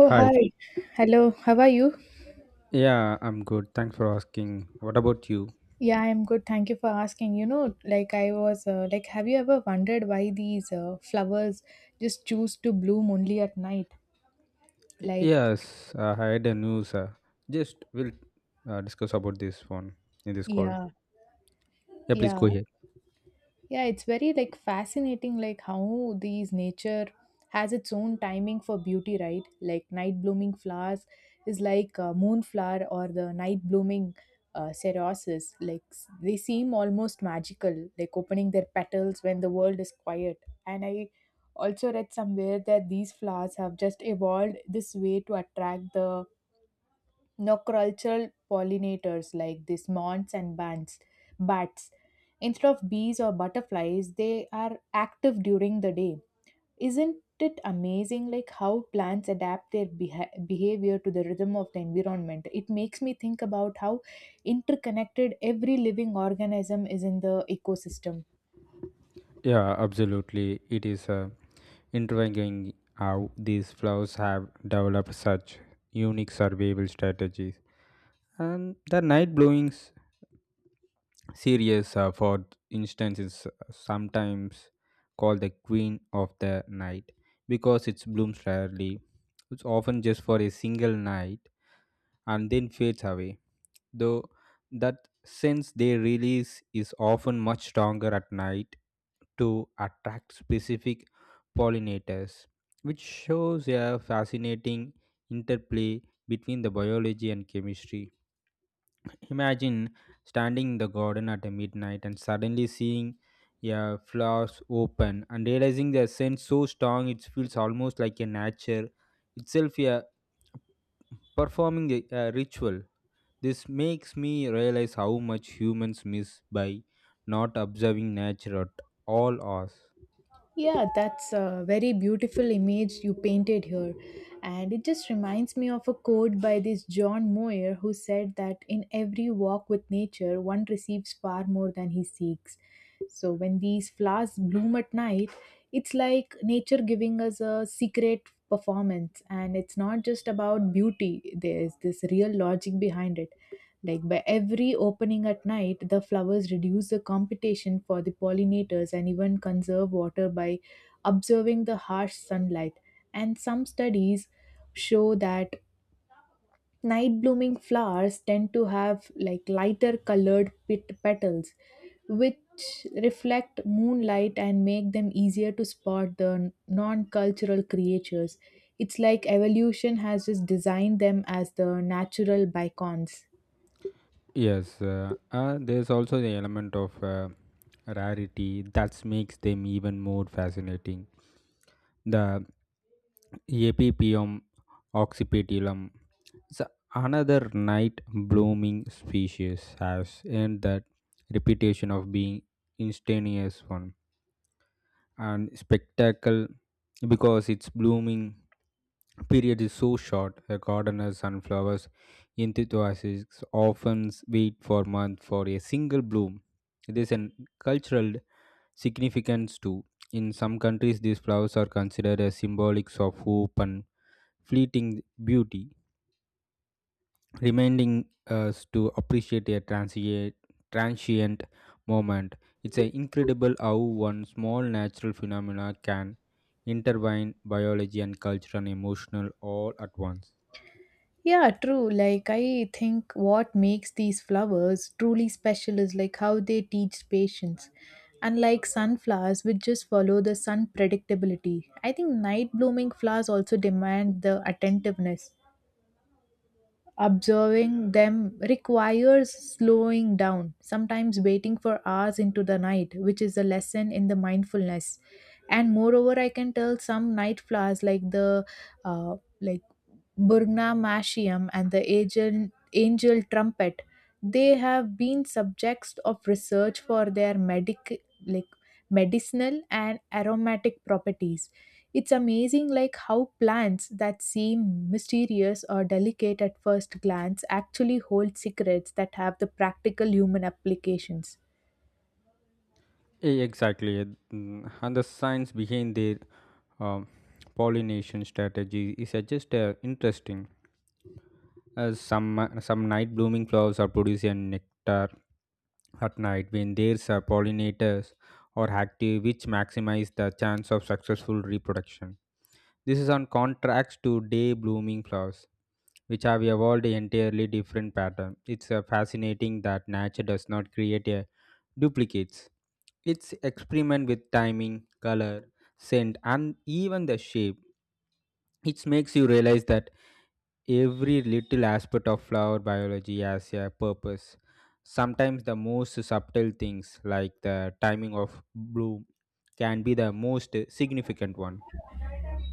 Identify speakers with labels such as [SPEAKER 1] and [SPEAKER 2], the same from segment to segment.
[SPEAKER 1] Oh,
[SPEAKER 2] Hi.
[SPEAKER 1] hi. Hello. How are you?
[SPEAKER 2] Yeah, I'm good. Thanks for asking. What about you?
[SPEAKER 1] Yeah, I'm good. Thank you for asking. You know, like I was, like, have you ever wondered why these flowers just choose to bloom only at night?
[SPEAKER 2] Y-
[SPEAKER 1] Like,
[SPEAKER 2] Yes, uh, I had a news. Just we'll discuss about this one in this call.
[SPEAKER 1] yeah,
[SPEAKER 2] Yeah, please
[SPEAKER 1] yeah.
[SPEAKER 2] go ahead.
[SPEAKER 1] Yeah, it's very like fascinating like how these nature has its own timing for beauty, right? Like night blooming flowers is like moonflower or the night blooming ceroses. Like they seem almost magical, like opening their petals when the world is quiet. And I also read somewhere that these flowers have just evolved this way to attract the no cultural pollinators like these moths and bats instead of bees or butterflies. They are active during the day. Isn't it amazing like how plants adapt their behavior to the rhythm of the environment? It makes me think about how interconnected every living organism is in the ecosystem.
[SPEAKER 2] Yeah, absolutely. It is intriguing how these flowers have developed such unique survival strategies. And the night blowings series, for instance, is sometimes called the Queen of the Night because it blooms rarely. It's often just for a single night and then fades away. Though that sense they release is often much stronger at night to attract specific pollinators, which shows a fascinating interplay between the biology and chemistry. Imagine standing in the garden at a midnight and suddenly seeing a flowers open and realizing their scent so strong it feels almost like a nature itself, yeah, performing a ritual. This makes me realize how much humans miss by not observing nature at all hours.
[SPEAKER 1] Yeah, that's a very beautiful image you painted here. And it just reminds me of a quote by this John Moyer who said that in every walk with nature, one receives far more than he seeks. So when these flowers bloom at night, it's like nature giving us a secret performance, and it's not just about beauty. There's this real logic behind it. Like by every opening at night, the flowers reduce the competition for the pollinators and even conserve water by observing the harsh sunlight. And some studies show that night blooming flowers tend to have like lighter colored petals, which reflect moonlight and make them easier to spot the non cultural creatures. It's like evolution has just designed them as the natural beacons.
[SPEAKER 2] Yes, there's also the element of rarity that makes them even more fascinating. The Epipium occipitulum is another night blooming species has earned that reputation of being instantaneous one and spectacle because its blooming period is so short. The gardeners and flowers enthusiasts often wait for months for a single bloom. This is a cultural significance too. In some countries, these flowers are considered as symbolics of hope and fleeting beauty, reminding us to appreciate a transient moment. It's a incredible how one small natural phenomena can intertwine biology and culture and emotional all at once.
[SPEAKER 1] Yeah, true. Like, I think what makes these flowers truly special is like how they teach patience. Unlike sunflowers, which just follow the sun predictability, I think night blooming flowers also demand the attentiveness. Observing them requires slowing down, sometimes waiting for hours into the night, which is a lesson in the mindfulness. And moreover, I can tell some night flowers like the like Burgnamachium and the angel trumpet. They have been subjects of research for their like medicinal and aromatic properties. It's amazing like how plants that seem mysterious or delicate at first glance actually hold secrets that have the practical human applications.
[SPEAKER 2] Exactly, mm, and the science behind their um, pollination strategy is just interesting. Some some night blooming flowers are producing nectar at night when there are pollinators are active, which maximize the chance of successful reproduction. This is on contrast to day blooming flowers, which have evolved entirely different pattern. It's fascinating that nature does not create a duplicates. It's experiment with timing, color, scent, and even the shape. It makes you realize that every little aspect of flower biology has a purpose. Sometimes the most subtle things, like the timing of bloom, can be the most significant one.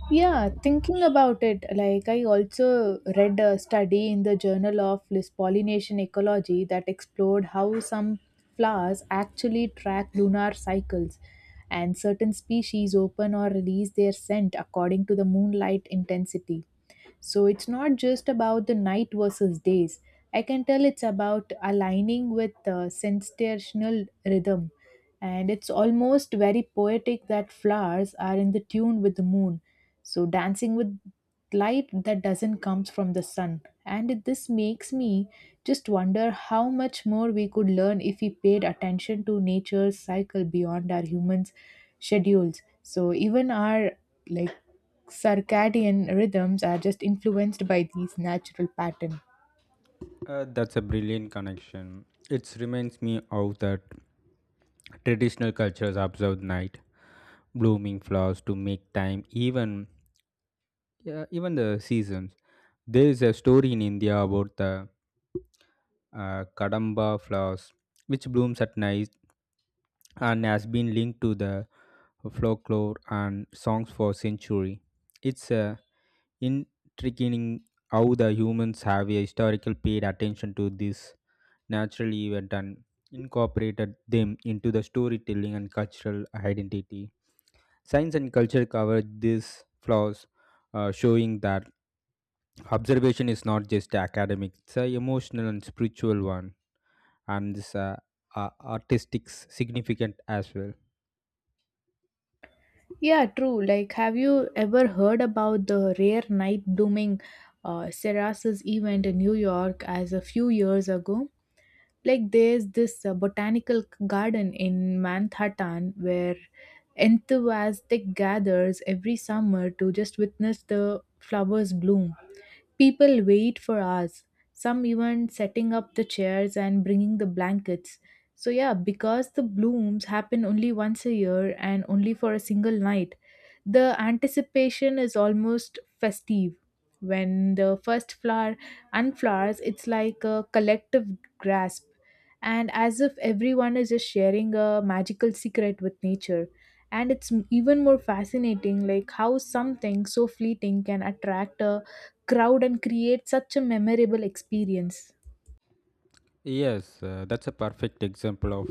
[SPEAKER 1] Yeah, thinking about it, like I also read a study in the Journal of Pollination Ecology that explored how some flowers actually track lunar cycles, and certain species open or release their scent according to the moonlight intensity. So it's not just about the night versus days. I can tell it's about aligning with the sensational rhythm. And it's almost very poetic that flowers are in the tune with the moon. So dancing with light that doesn't comes from the sun. And this makes me just wonder how much more we could learn if we paid attention to nature's cycle beyond our humans' schedules. So even our like circadian rhythms are just influenced by these natural patterns.
[SPEAKER 2] That's a brilliant connection. It reminds me of that traditional cultures observe night blooming flowers to make time even. Yeah, even the seasons. There is a story in India about the Kadamba flowers, which blooms at night and has been linked to the folklore and songs for century. It's intriguing how the humans have a historical paid attention to this natural event and incorporated them into the storytelling and cultural identity. Science and culture covered these flaws, showing that observation is not just academic, it's a emotional and spiritual one, and it's a artistic significant as well.
[SPEAKER 1] Yeah, true. Like, have you ever heard about the rare night blooming Cerealis event in New York as a few years ago? Like, there's this botanical garden in Manhattan where enthusiastic gathers every summer to just witness the flowers bloom. People wait for hours, some even setting up the chairs and bringing the blankets. So, yeah, because the blooms happen only once a year and only for a single night, the anticipation is almost festive. When the first flower unflowers, it's like a collective grasp, and as if everyone is just sharing a magical secret with nature. And it's even more fascinating, like how something so fleeting can attract a crowd and create such a memorable experience.
[SPEAKER 2] Yes, that's a perfect example of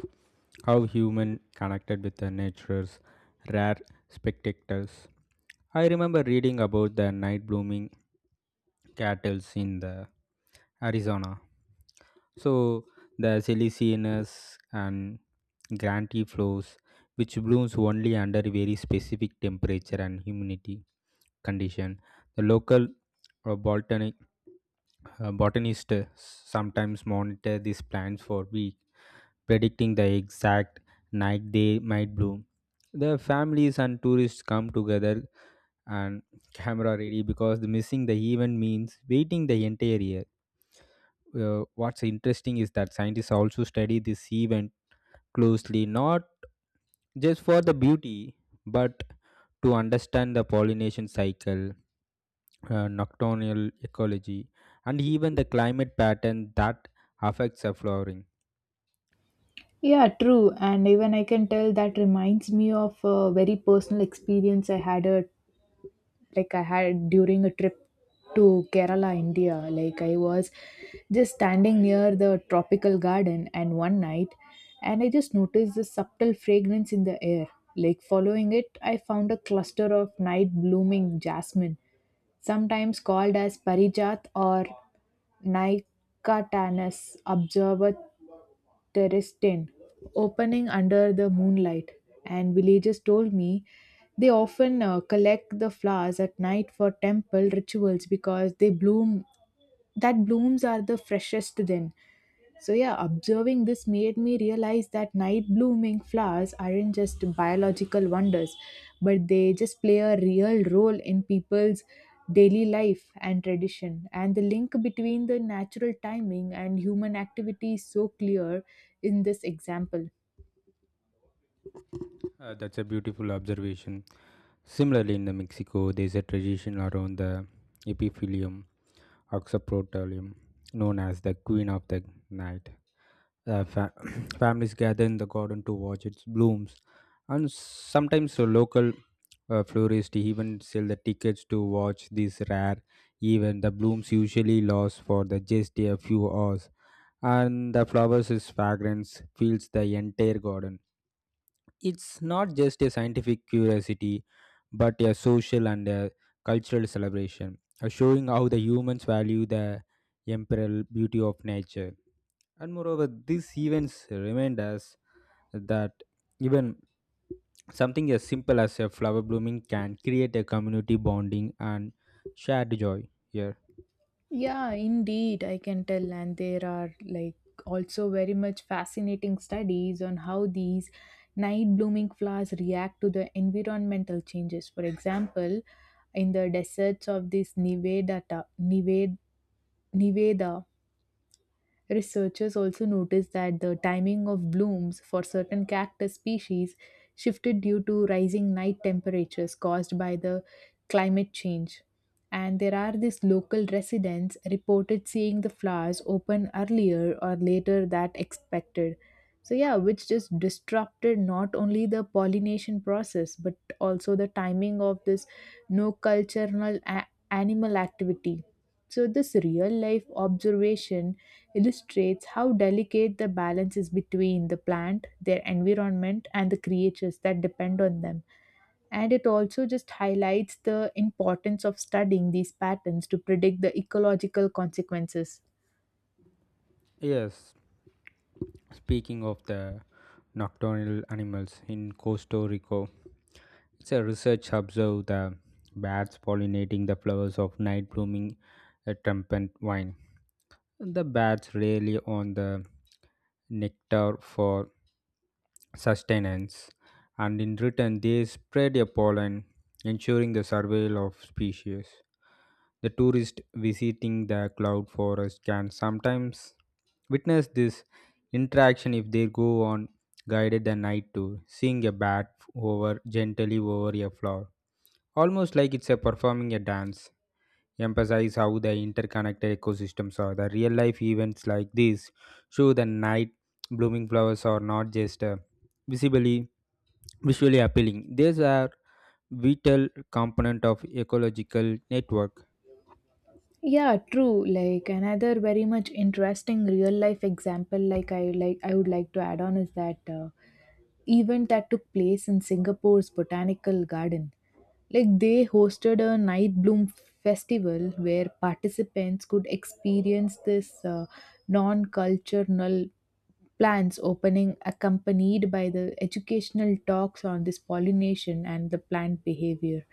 [SPEAKER 2] how human connected with the nature's rare spectacles. I remember reading about the night blooming cattles in the Arizona. So the silicinus and granty flows, which blooms only under very specific temperature and humidity condition. The local botanic botanists sometimes monitor these plants for weeks, predicting the exact night they might bloom. The families and tourists come together and camera ready because the missing the event means waiting the entire year. What's interesting is that scientists also study this event closely, not just for the beauty, but to understand the pollination cycle, nocturnal ecology, and even the climate pattern that affects the flowering.
[SPEAKER 1] Yeah, true. And even I can tell that reminds me of a very personal experience I had at I had during a trip to Kerala, India. Like I was just standing near the tropical garden and one night, and I just noticed the subtle fragrance in the air. Like following it, I found a cluster of night blooming jasmine, sometimes called as parijat or Nicotanus observer terrestine, opening under the moonlight. And villagers told me they often collect the flowers at night for temple rituals because they bloom that blooms are the freshest then. So yeah, observing this made me realize that night blooming flowers aren't just biological wonders, but they just play a real role in people's daily life and tradition. And the link between the natural timing and human activity is so clear in this example.
[SPEAKER 2] That's a beautiful observation. Similarly, in the Mexico, there's a tradition around the epiphyllum Oxyprotolium, known as the Queen of the Night. Uh, fa- Families gather in the garden to watch its blooms, and sometimes the local florists even sell the tickets to watch this rare event. The blooms usually last for the just a few hours, and the flowers' fragrance fills the entire garden. It's not just a scientific curiosity but a social and a cultural celebration, showing how the humans value the imperial beauty of nature. And moreover, these events remind us that even something as simple as a flower blooming can create a community bonding and shared joy here.
[SPEAKER 1] Yeah, indeed, I can tell. And there are like also very much fascinating studies on how these night blooming flowers react to the environmental changes. For example, in the deserts of this Nevada, researchers also noticed that the timing of blooms for certain cactus species shifted due to rising night temperatures caused by the climate change. And there are these local residents reported seeing the flowers open earlier or later than expected. So, yeah, which just disrupted not only the pollination process but also the timing of this no cultural animal activity. So, this real life observation illustrates how delicate the balance is between the plant, their environment, and the creatures that depend on them. And it also just highlights the importance of studying these patterns to predict the ecological consequences.
[SPEAKER 2] Yes, speaking of the nocturnal animals in Costa Rica, it's a research observed the bats pollinating the flowers of night blooming a trumpet vine. The bats rely on the nectar for sustenance, and in return, they spread their pollen, ensuring the survival of species. The tourist visiting the cloud forest can sometimes witness this interaction if they go on guided the night tour, seeing a bat over gently over a flower. Almost like it's a performing a dance. Emphasize how the interconnected ecosystems are. The real life events like this show the night blooming flowers are not just visibly visually appealing. These are vital component of ecological network.
[SPEAKER 1] Yeah, true. Like another very much interesting real life example, like I would like to add on is that event that took place in Singapore's botanical garden. Like they hosted a night bloom festival where participants could experience this non-cultural plants opening accompanied by the educational talks on this pollination and the plant behavior.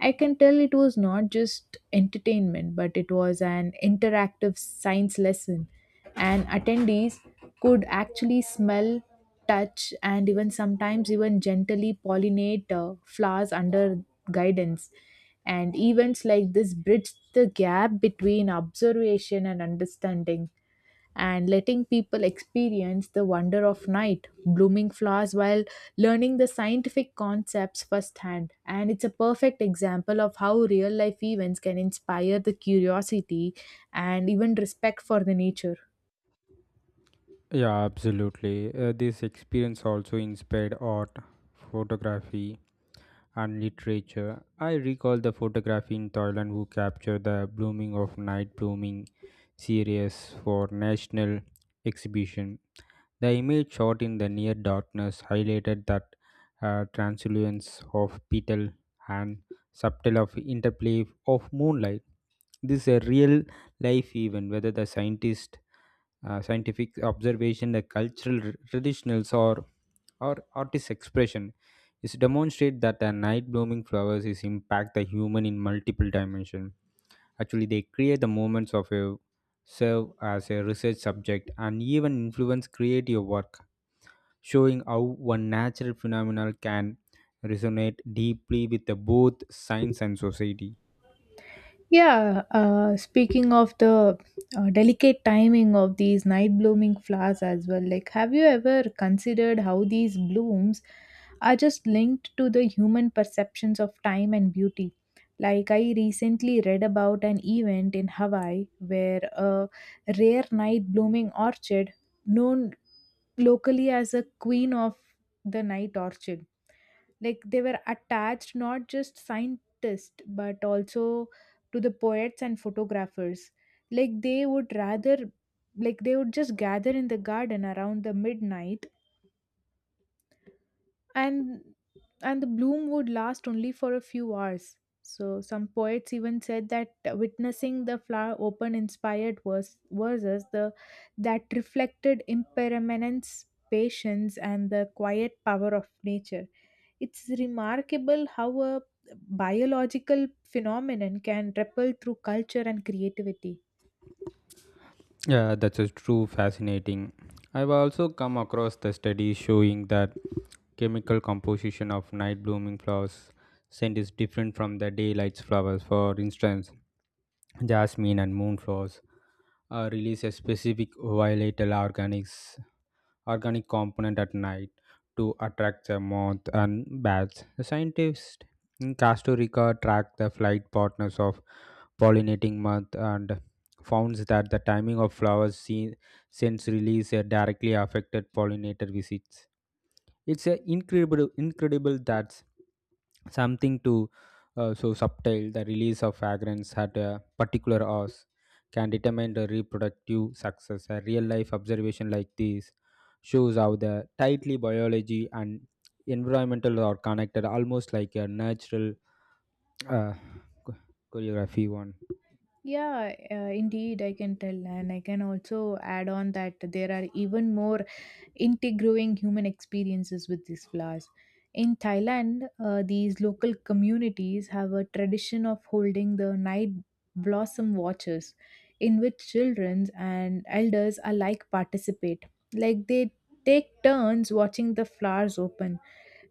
[SPEAKER 1] I can tell it was not just entertainment, but it was an interactive science lesson, and attendees could actually smell, touch, and even sometimes even gently pollinate flowers under guidance. And events like this bridge the gap between observation and understanding and letting people experience the wonder of night, blooming flowers while learning the scientific concepts firsthand. And it's a perfect example of how real life events can inspire the curiosity and even respect for the nature.
[SPEAKER 2] Yeah, absolutely. This experience also inspired art, photography, and literature. I recall the photography in Thailand who captured the blooming of night blooming series for national exhibition. The image shot in the near darkness highlighted that translucence of petal and subtle of interplay of moonlight. This is a real life event, whether the scientist, scientific observation, the cultural traditionals, or artist expression is demonstrate that the night blooming flowers is impact the human in multiple dimension. Actually, they create the moments of a serve as a research subject and even influence creative work, showing how one natural phenomenon can resonate deeply with the both science and society.
[SPEAKER 1] Yeah, speaking of the delicate timing of these night blooming flowers as well, like, have you ever considered how these blooms are just linked to the human perceptions of time and beauty? Like, I recently read about an event in Hawaii where a rare night blooming orchid, known locally as a queen of the night orchid, like they were attached not just scientists but also to the poets and photographers. like they would rather like they would just gather in the garden around the midnight, and and the bloom would last only for a few hours. So some poets even said that witnessing the flower open inspired verses the that reflected impermanence, patience, and the quiet power of nature. It's remarkable how a biological phenomenon can ripple through culture and creativity.
[SPEAKER 2] Yeah, that's a true fascinating. I've also come across the studies showing that chemical composition of night blooming flowers scent is different from the daylight flowers. For instance, jasmine and moonflowers release a specific volatile organics organic component at night to attract the moth and bats. The scientists in Costa Rica tracked the flight patterns of pollinating moth and found that the timing of flowers seen since release directly affected pollinator visits. It's a incredible that's something to so subtle. The release of fragrance at a particular hours can determine the reproductive success. A real life observation like this shows how the tightly biology and environmental are connected, almost like a natural uh, cho- choreography one.
[SPEAKER 1] Yeah, indeed I can tell. And I can also add on that there are even more integrating human experiences with these flowers. In Thailand, these local communities have a tradition of holding the night blossom watches, in which children and elders alike participate. Like they take turns watching the flowers open,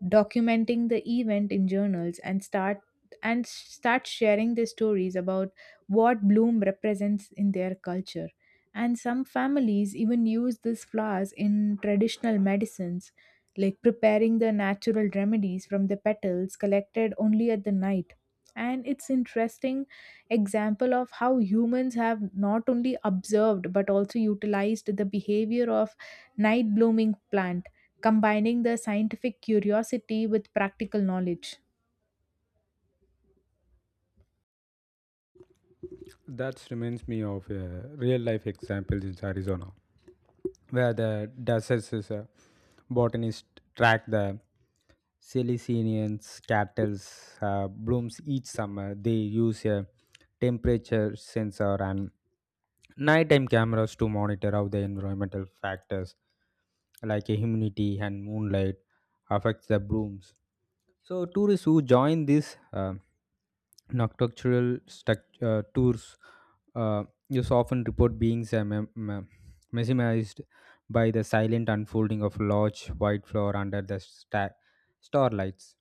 [SPEAKER 1] documenting the event in journals, and start sharing their stories about what bloom represents in their culture. And some families even use these flowers in traditional medicines, like preparing the natural remedies from the petals collected only at the night. And it's interesting example of how humans have not only observed but also utilized the behavior of night blooming plant, combining the scientific curiosity with practical knowledge.
[SPEAKER 2] That reminds me of a real life example in Arizona where the Dusses is botanist track the Celicinians cattle's blooms each summer. They use a temperature sensor and nighttime cameras to monitor how the environmental factors like humidity and moonlight affects the blooms. So tourists who join these tours uh, is often report being mesmerized by the silent unfolding of large white floor under the starlights.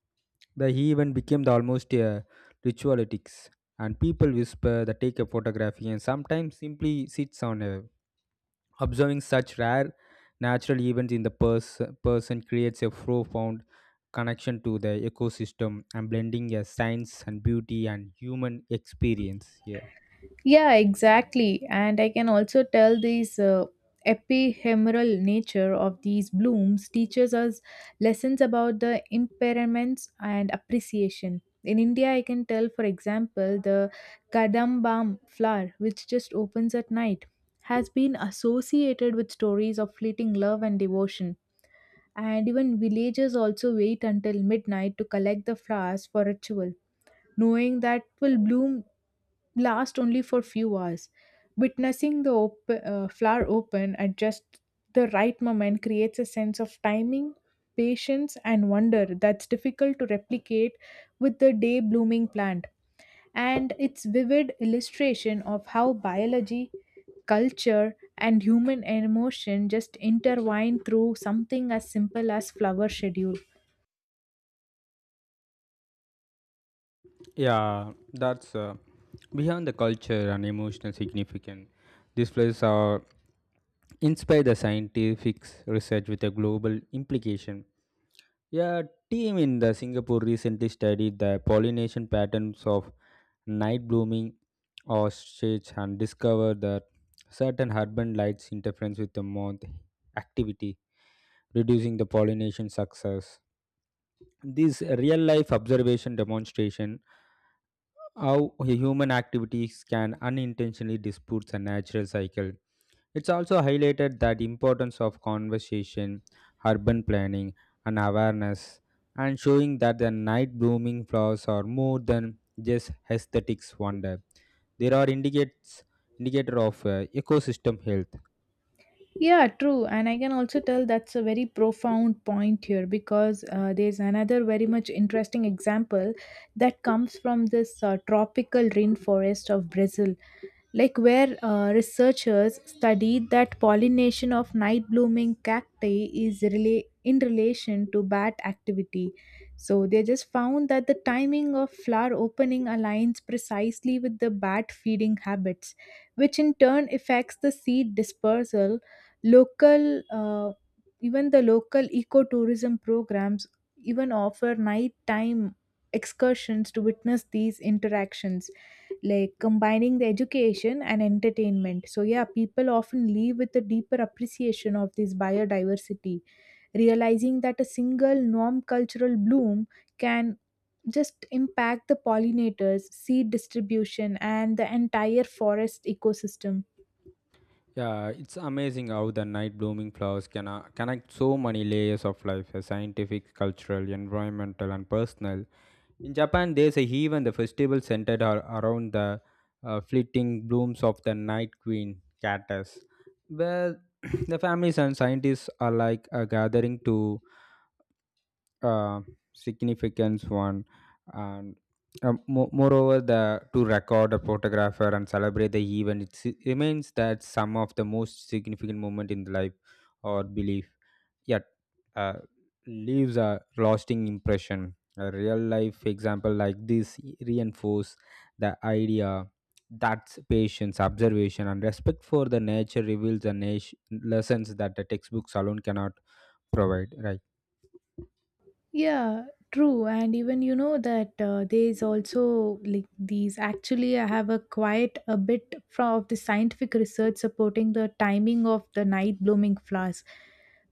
[SPEAKER 2] The event became the almost a ritualitics, and people whisper, they take a photography, and sometimes simply sits on a. Observing such rare natural events in the person creates a profound connection to the ecosystem and blending a science and beauty and human experience here.
[SPEAKER 1] Yeah, exactly. And I can also tell this epihemeral nature of these blooms teaches us lessons about the impairments and appreciation. In India, I can tell, for example, the Kadambam flower, which just opens at night, has been associated with stories of fleeting love and devotion. And even villagers also wait until midnight to collect the flowers for ritual, knowing that will bloom last only for few hours. Witnessing the flower open at just the right moment creates a sense of timing, patience, and wonder that's difficult to replicate with the day blooming plant. And it's vivid illustration of how biology, culture, and human emotion just intertwine through something as simple as flower schedule.
[SPEAKER 2] Yeah, that's beyond the culture and emotional significance. These places are inspire the scientific research with a global implication. Yeah, team in the Singapore recently studied the pollination patterns of night blooming ostrich and discovered that certain urban lights interference with the moth activity, reducing the pollination success. This real life observation demonstration how human activities can unintentionally dispute the natural cycle. It's also highlighted that importance of conversation, urban planning, and awareness, and showing that the night blooming flowers are more than just aesthetics wonder. There are indicates indicator of ecosystem health.
[SPEAKER 1] Yeah, true. And I can also tell that's a very profound point here because there's another very much interesting example that comes from this tropical rainforest of Brazil, like where researchers studied that pollination of night blooming cacti is in relation to bat activity. So they just found that the timing of flower opening aligns precisely with the bat feeding habits, which in turn affects the seed dispersal. Local, even the local ecotourism programs even offer nighttime excursions to witness these interactions, like combining the education and entertainment. So, yeah, people often leave with a deeper appreciation of this biodiversity, realizing that a single non cultural bloom can just impact the pollinators, seed distribution, and the entire forest ecosystem.
[SPEAKER 2] Yeah, it's amazing how the night blooming flowers can connect so many layers of life, scientific, cultural, environmental, and personal. In Japan, there's a even the festival centered around the fleeting blooms of the night queen cactus, where the families and scientists are like gathering to uh, significance one and moreover the to record a photographer and celebrate the event it remains that some of the most significant moment in the life or belief yet, uh, leaves a lasting impression. A real life example like this reinforce the idea that patience observation and respect for the nature reveals the lessons that the textbooks alone cannot provide, right?
[SPEAKER 1] Yeah, true. And even that there is also like these. Actually, I have a quite a bit from of the scientific research supporting the timing of the night blooming flowers.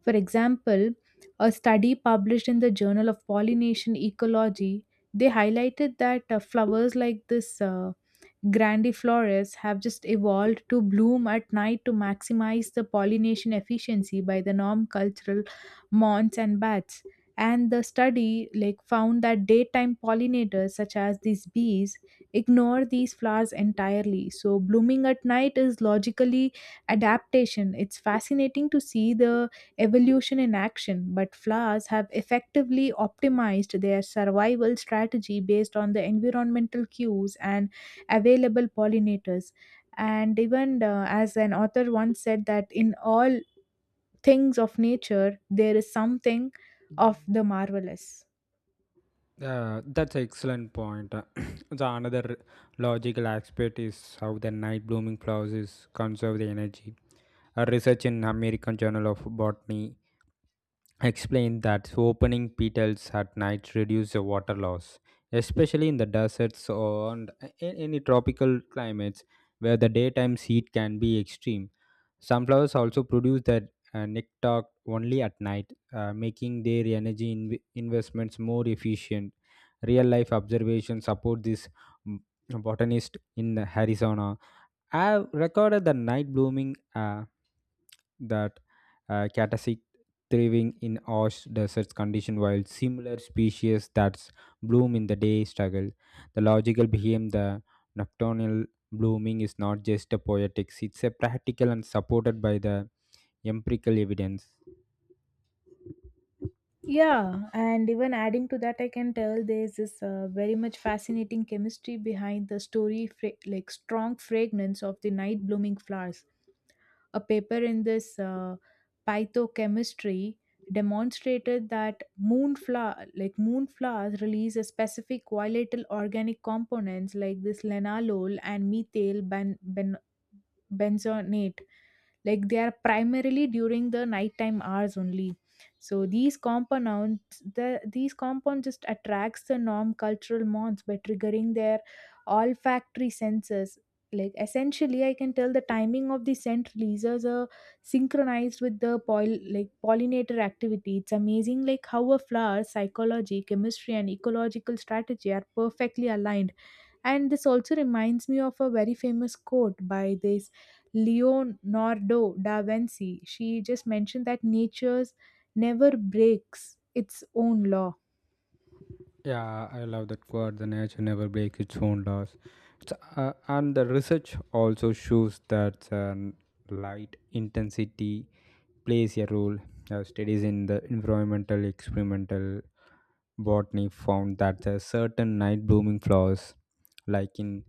[SPEAKER 1] For example, a study published in the Journal of Pollination Ecology, they highlighted that flowers like this. Grandiflores have just evolved to bloom at night to maximize the pollination efficiency by the non-cultural moths and bats, and the study like found that daytime pollinators such as these bees ignore these flowers entirely. So blooming at night is logically adaptation. It's fascinating to see the evolution in action, but flowers have effectively optimized their survival strategy based on the environmental cues and available pollinators. And even as an author once said, that in all things of nature, there is something of the marvelous.
[SPEAKER 2] That's an excellent point. The another logical aspect is how the night blooming flowers conserve the energy. A research in American Journal of Botany explained that opening petals at night reduce the water loss, especially in the deserts or in any tropical climates where the daytime heat can be extreme. Sunflowers also produce their nectar only at night, making their energy investments more efficient. Real life observations support this. Mm, botanist in Arizona I've recorded the night blooming that catasic thriving in ash desert condition while similar species that bloom in the day struggle. The logical behind the nocturnal blooming is not just a poetics, it's a practical and supported by the empirical evidence.
[SPEAKER 1] Yeah, and even adding to that, I can tell there's this very much fascinating chemistry behind the story, like strong fragrance of the night blooming flowers. A paper in this pathochemistry demonstrated that moonflower, like moonflowers, release a specific volatile organic components like this lenalol and methyl benzonate, like they are primarily during the nighttime hours only. So these compounds, these compound just attracts the non cultural moths by triggering their olfactory senses. Like essentially, I can tell the timing of the scent releases are synchronized with the like pollinator activity. It's amazing like how a flower's psychology, chemistry, and ecological strategy are perfectly aligned, and this also reminds me of a very famous quote by this Leonardo da Vinci. She just mentioned that nature's never breaks its own law.
[SPEAKER 2] Yeah, I love that quote. The nature never breaks its own laws. It's, and the research also shows that light intensity plays a role. Studies in the environmental experimental botany found that the certain night blooming flowers, like in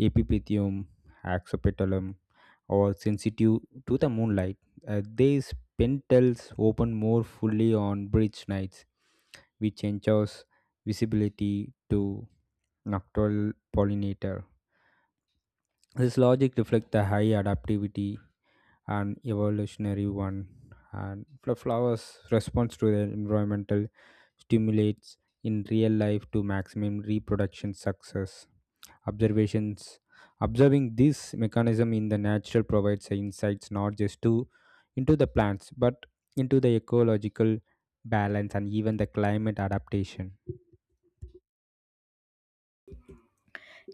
[SPEAKER 2] Epiphytium, Axopetalum, or sensitive to the moonlight. Their pentals open more fully on bridge nights, which ensures visibility to nocturnal pollinator. This logic reflects the high adaptivity and evolutionary one, and the flowers' response to their environmental stimulates in real life to maximum reproduction success. Observations Observing this mechanism in the natural provides insights not just to into the plants but into the ecological balance and even the climate adaptation.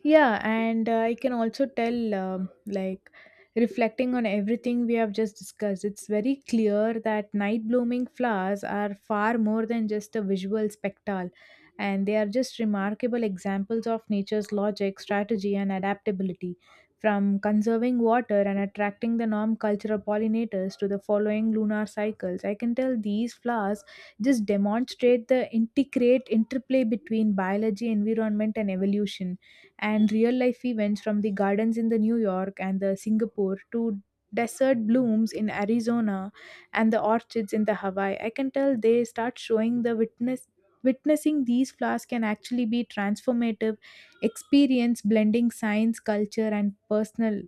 [SPEAKER 1] Yeah, and I can also tell, like, reflecting on everything we have just discussed, it's very clear that night blooming flowers are far more than just a visual spectacle, and they are just remarkable examples of nature's logic, strategy, and adaptability. From conserving water and attracting the non cultural pollinators to the following lunar cycles, I can tell these flowers just demonstrate the integrate interplay between biology, environment, and evolution, and real life events from the gardens in the New York and the Singapore to desert blooms in Arizona and the orchids in the Hawaii. I can tell they start showing the witnessing these flowers can actually be transformative experience, blending science, culture, and personal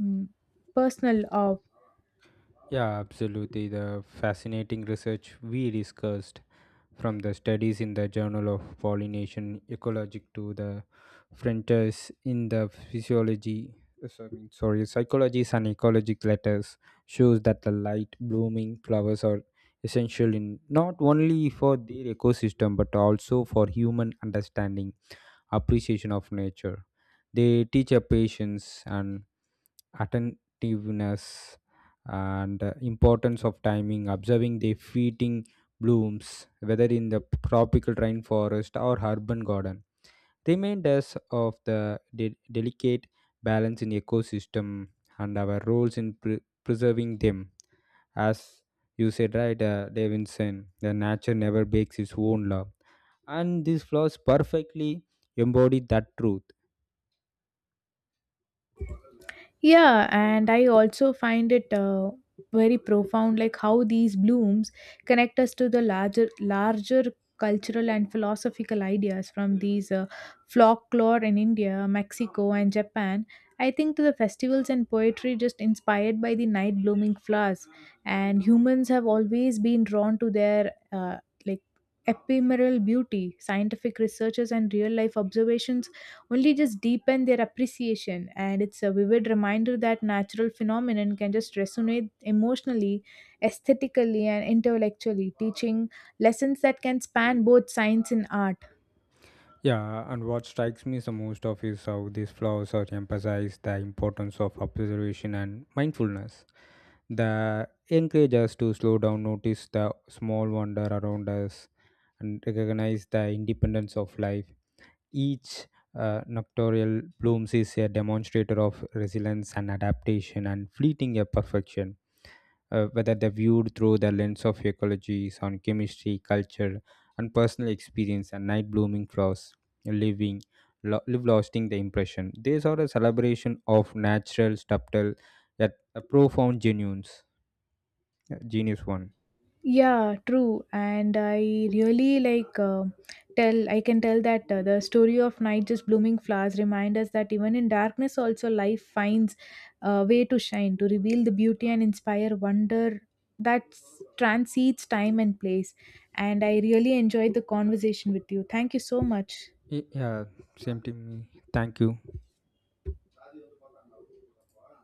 [SPEAKER 1] mm, personal of.
[SPEAKER 2] Yeah, absolutely. The fascinating research we discussed, from the studies in the Journal of Pollination Ecology to the frontiers in the physiology, so- sorry, psychology and ecologic letters, shows that the light blooming flowers are essential in not only for their ecosystem but also for human understanding, appreciation of nature. They teach a patience and attentiveness and importance of timing observing the fleeting blooms whether in the tropical rainforest or urban garden remind us of the delicate balance in ecosystem and our roles in preserving them. As you said, right, davinson, the nature never breaks its own law, and these flaws perfectly embody that truth.
[SPEAKER 1] Yeah, and I also find it very profound, like how these blooms connect us to the larger cultural and philosophical ideas from these folklore in India, Mexico, and Japan. I think to the festivals and poetry just inspired by the night blooming flowers, and humans have always been drawn to their like ephemeral beauty. Scientific researchers and real life observations only just deepen their appreciation. And it's a vivid reminder that natural phenomenon can just resonate emotionally, aesthetically, and intellectually, teaching lessons that can span both science and art.
[SPEAKER 2] Yeah, and what strikes me the most of is how these flaws are emphasized the importance of observation and mindfulness. They encourage us to slow down, notice the small wonder around us, and recognize the independence of life. Each nocturnal blooms is a demonstrator of resilience and adaptation and fleeting a perfection, whether they're viewed through the lens of ecology, sound chemistry, culture, and personal experience, and night blooming flowers, living, live lasting the impression. These are a celebration of natural, subtle, yet a profound genuines. Yeah, Genius one.
[SPEAKER 1] Yeah, true. And I really like tell I can tell that the story of night just blooming flowers remind us that even in darkness also life finds a way to shine, to reveal the beauty and inspire wonder that transcends time and place. And I really enjoyed the conversation with you. Thank you so much.
[SPEAKER 2] Yeah, same to me. Thank you.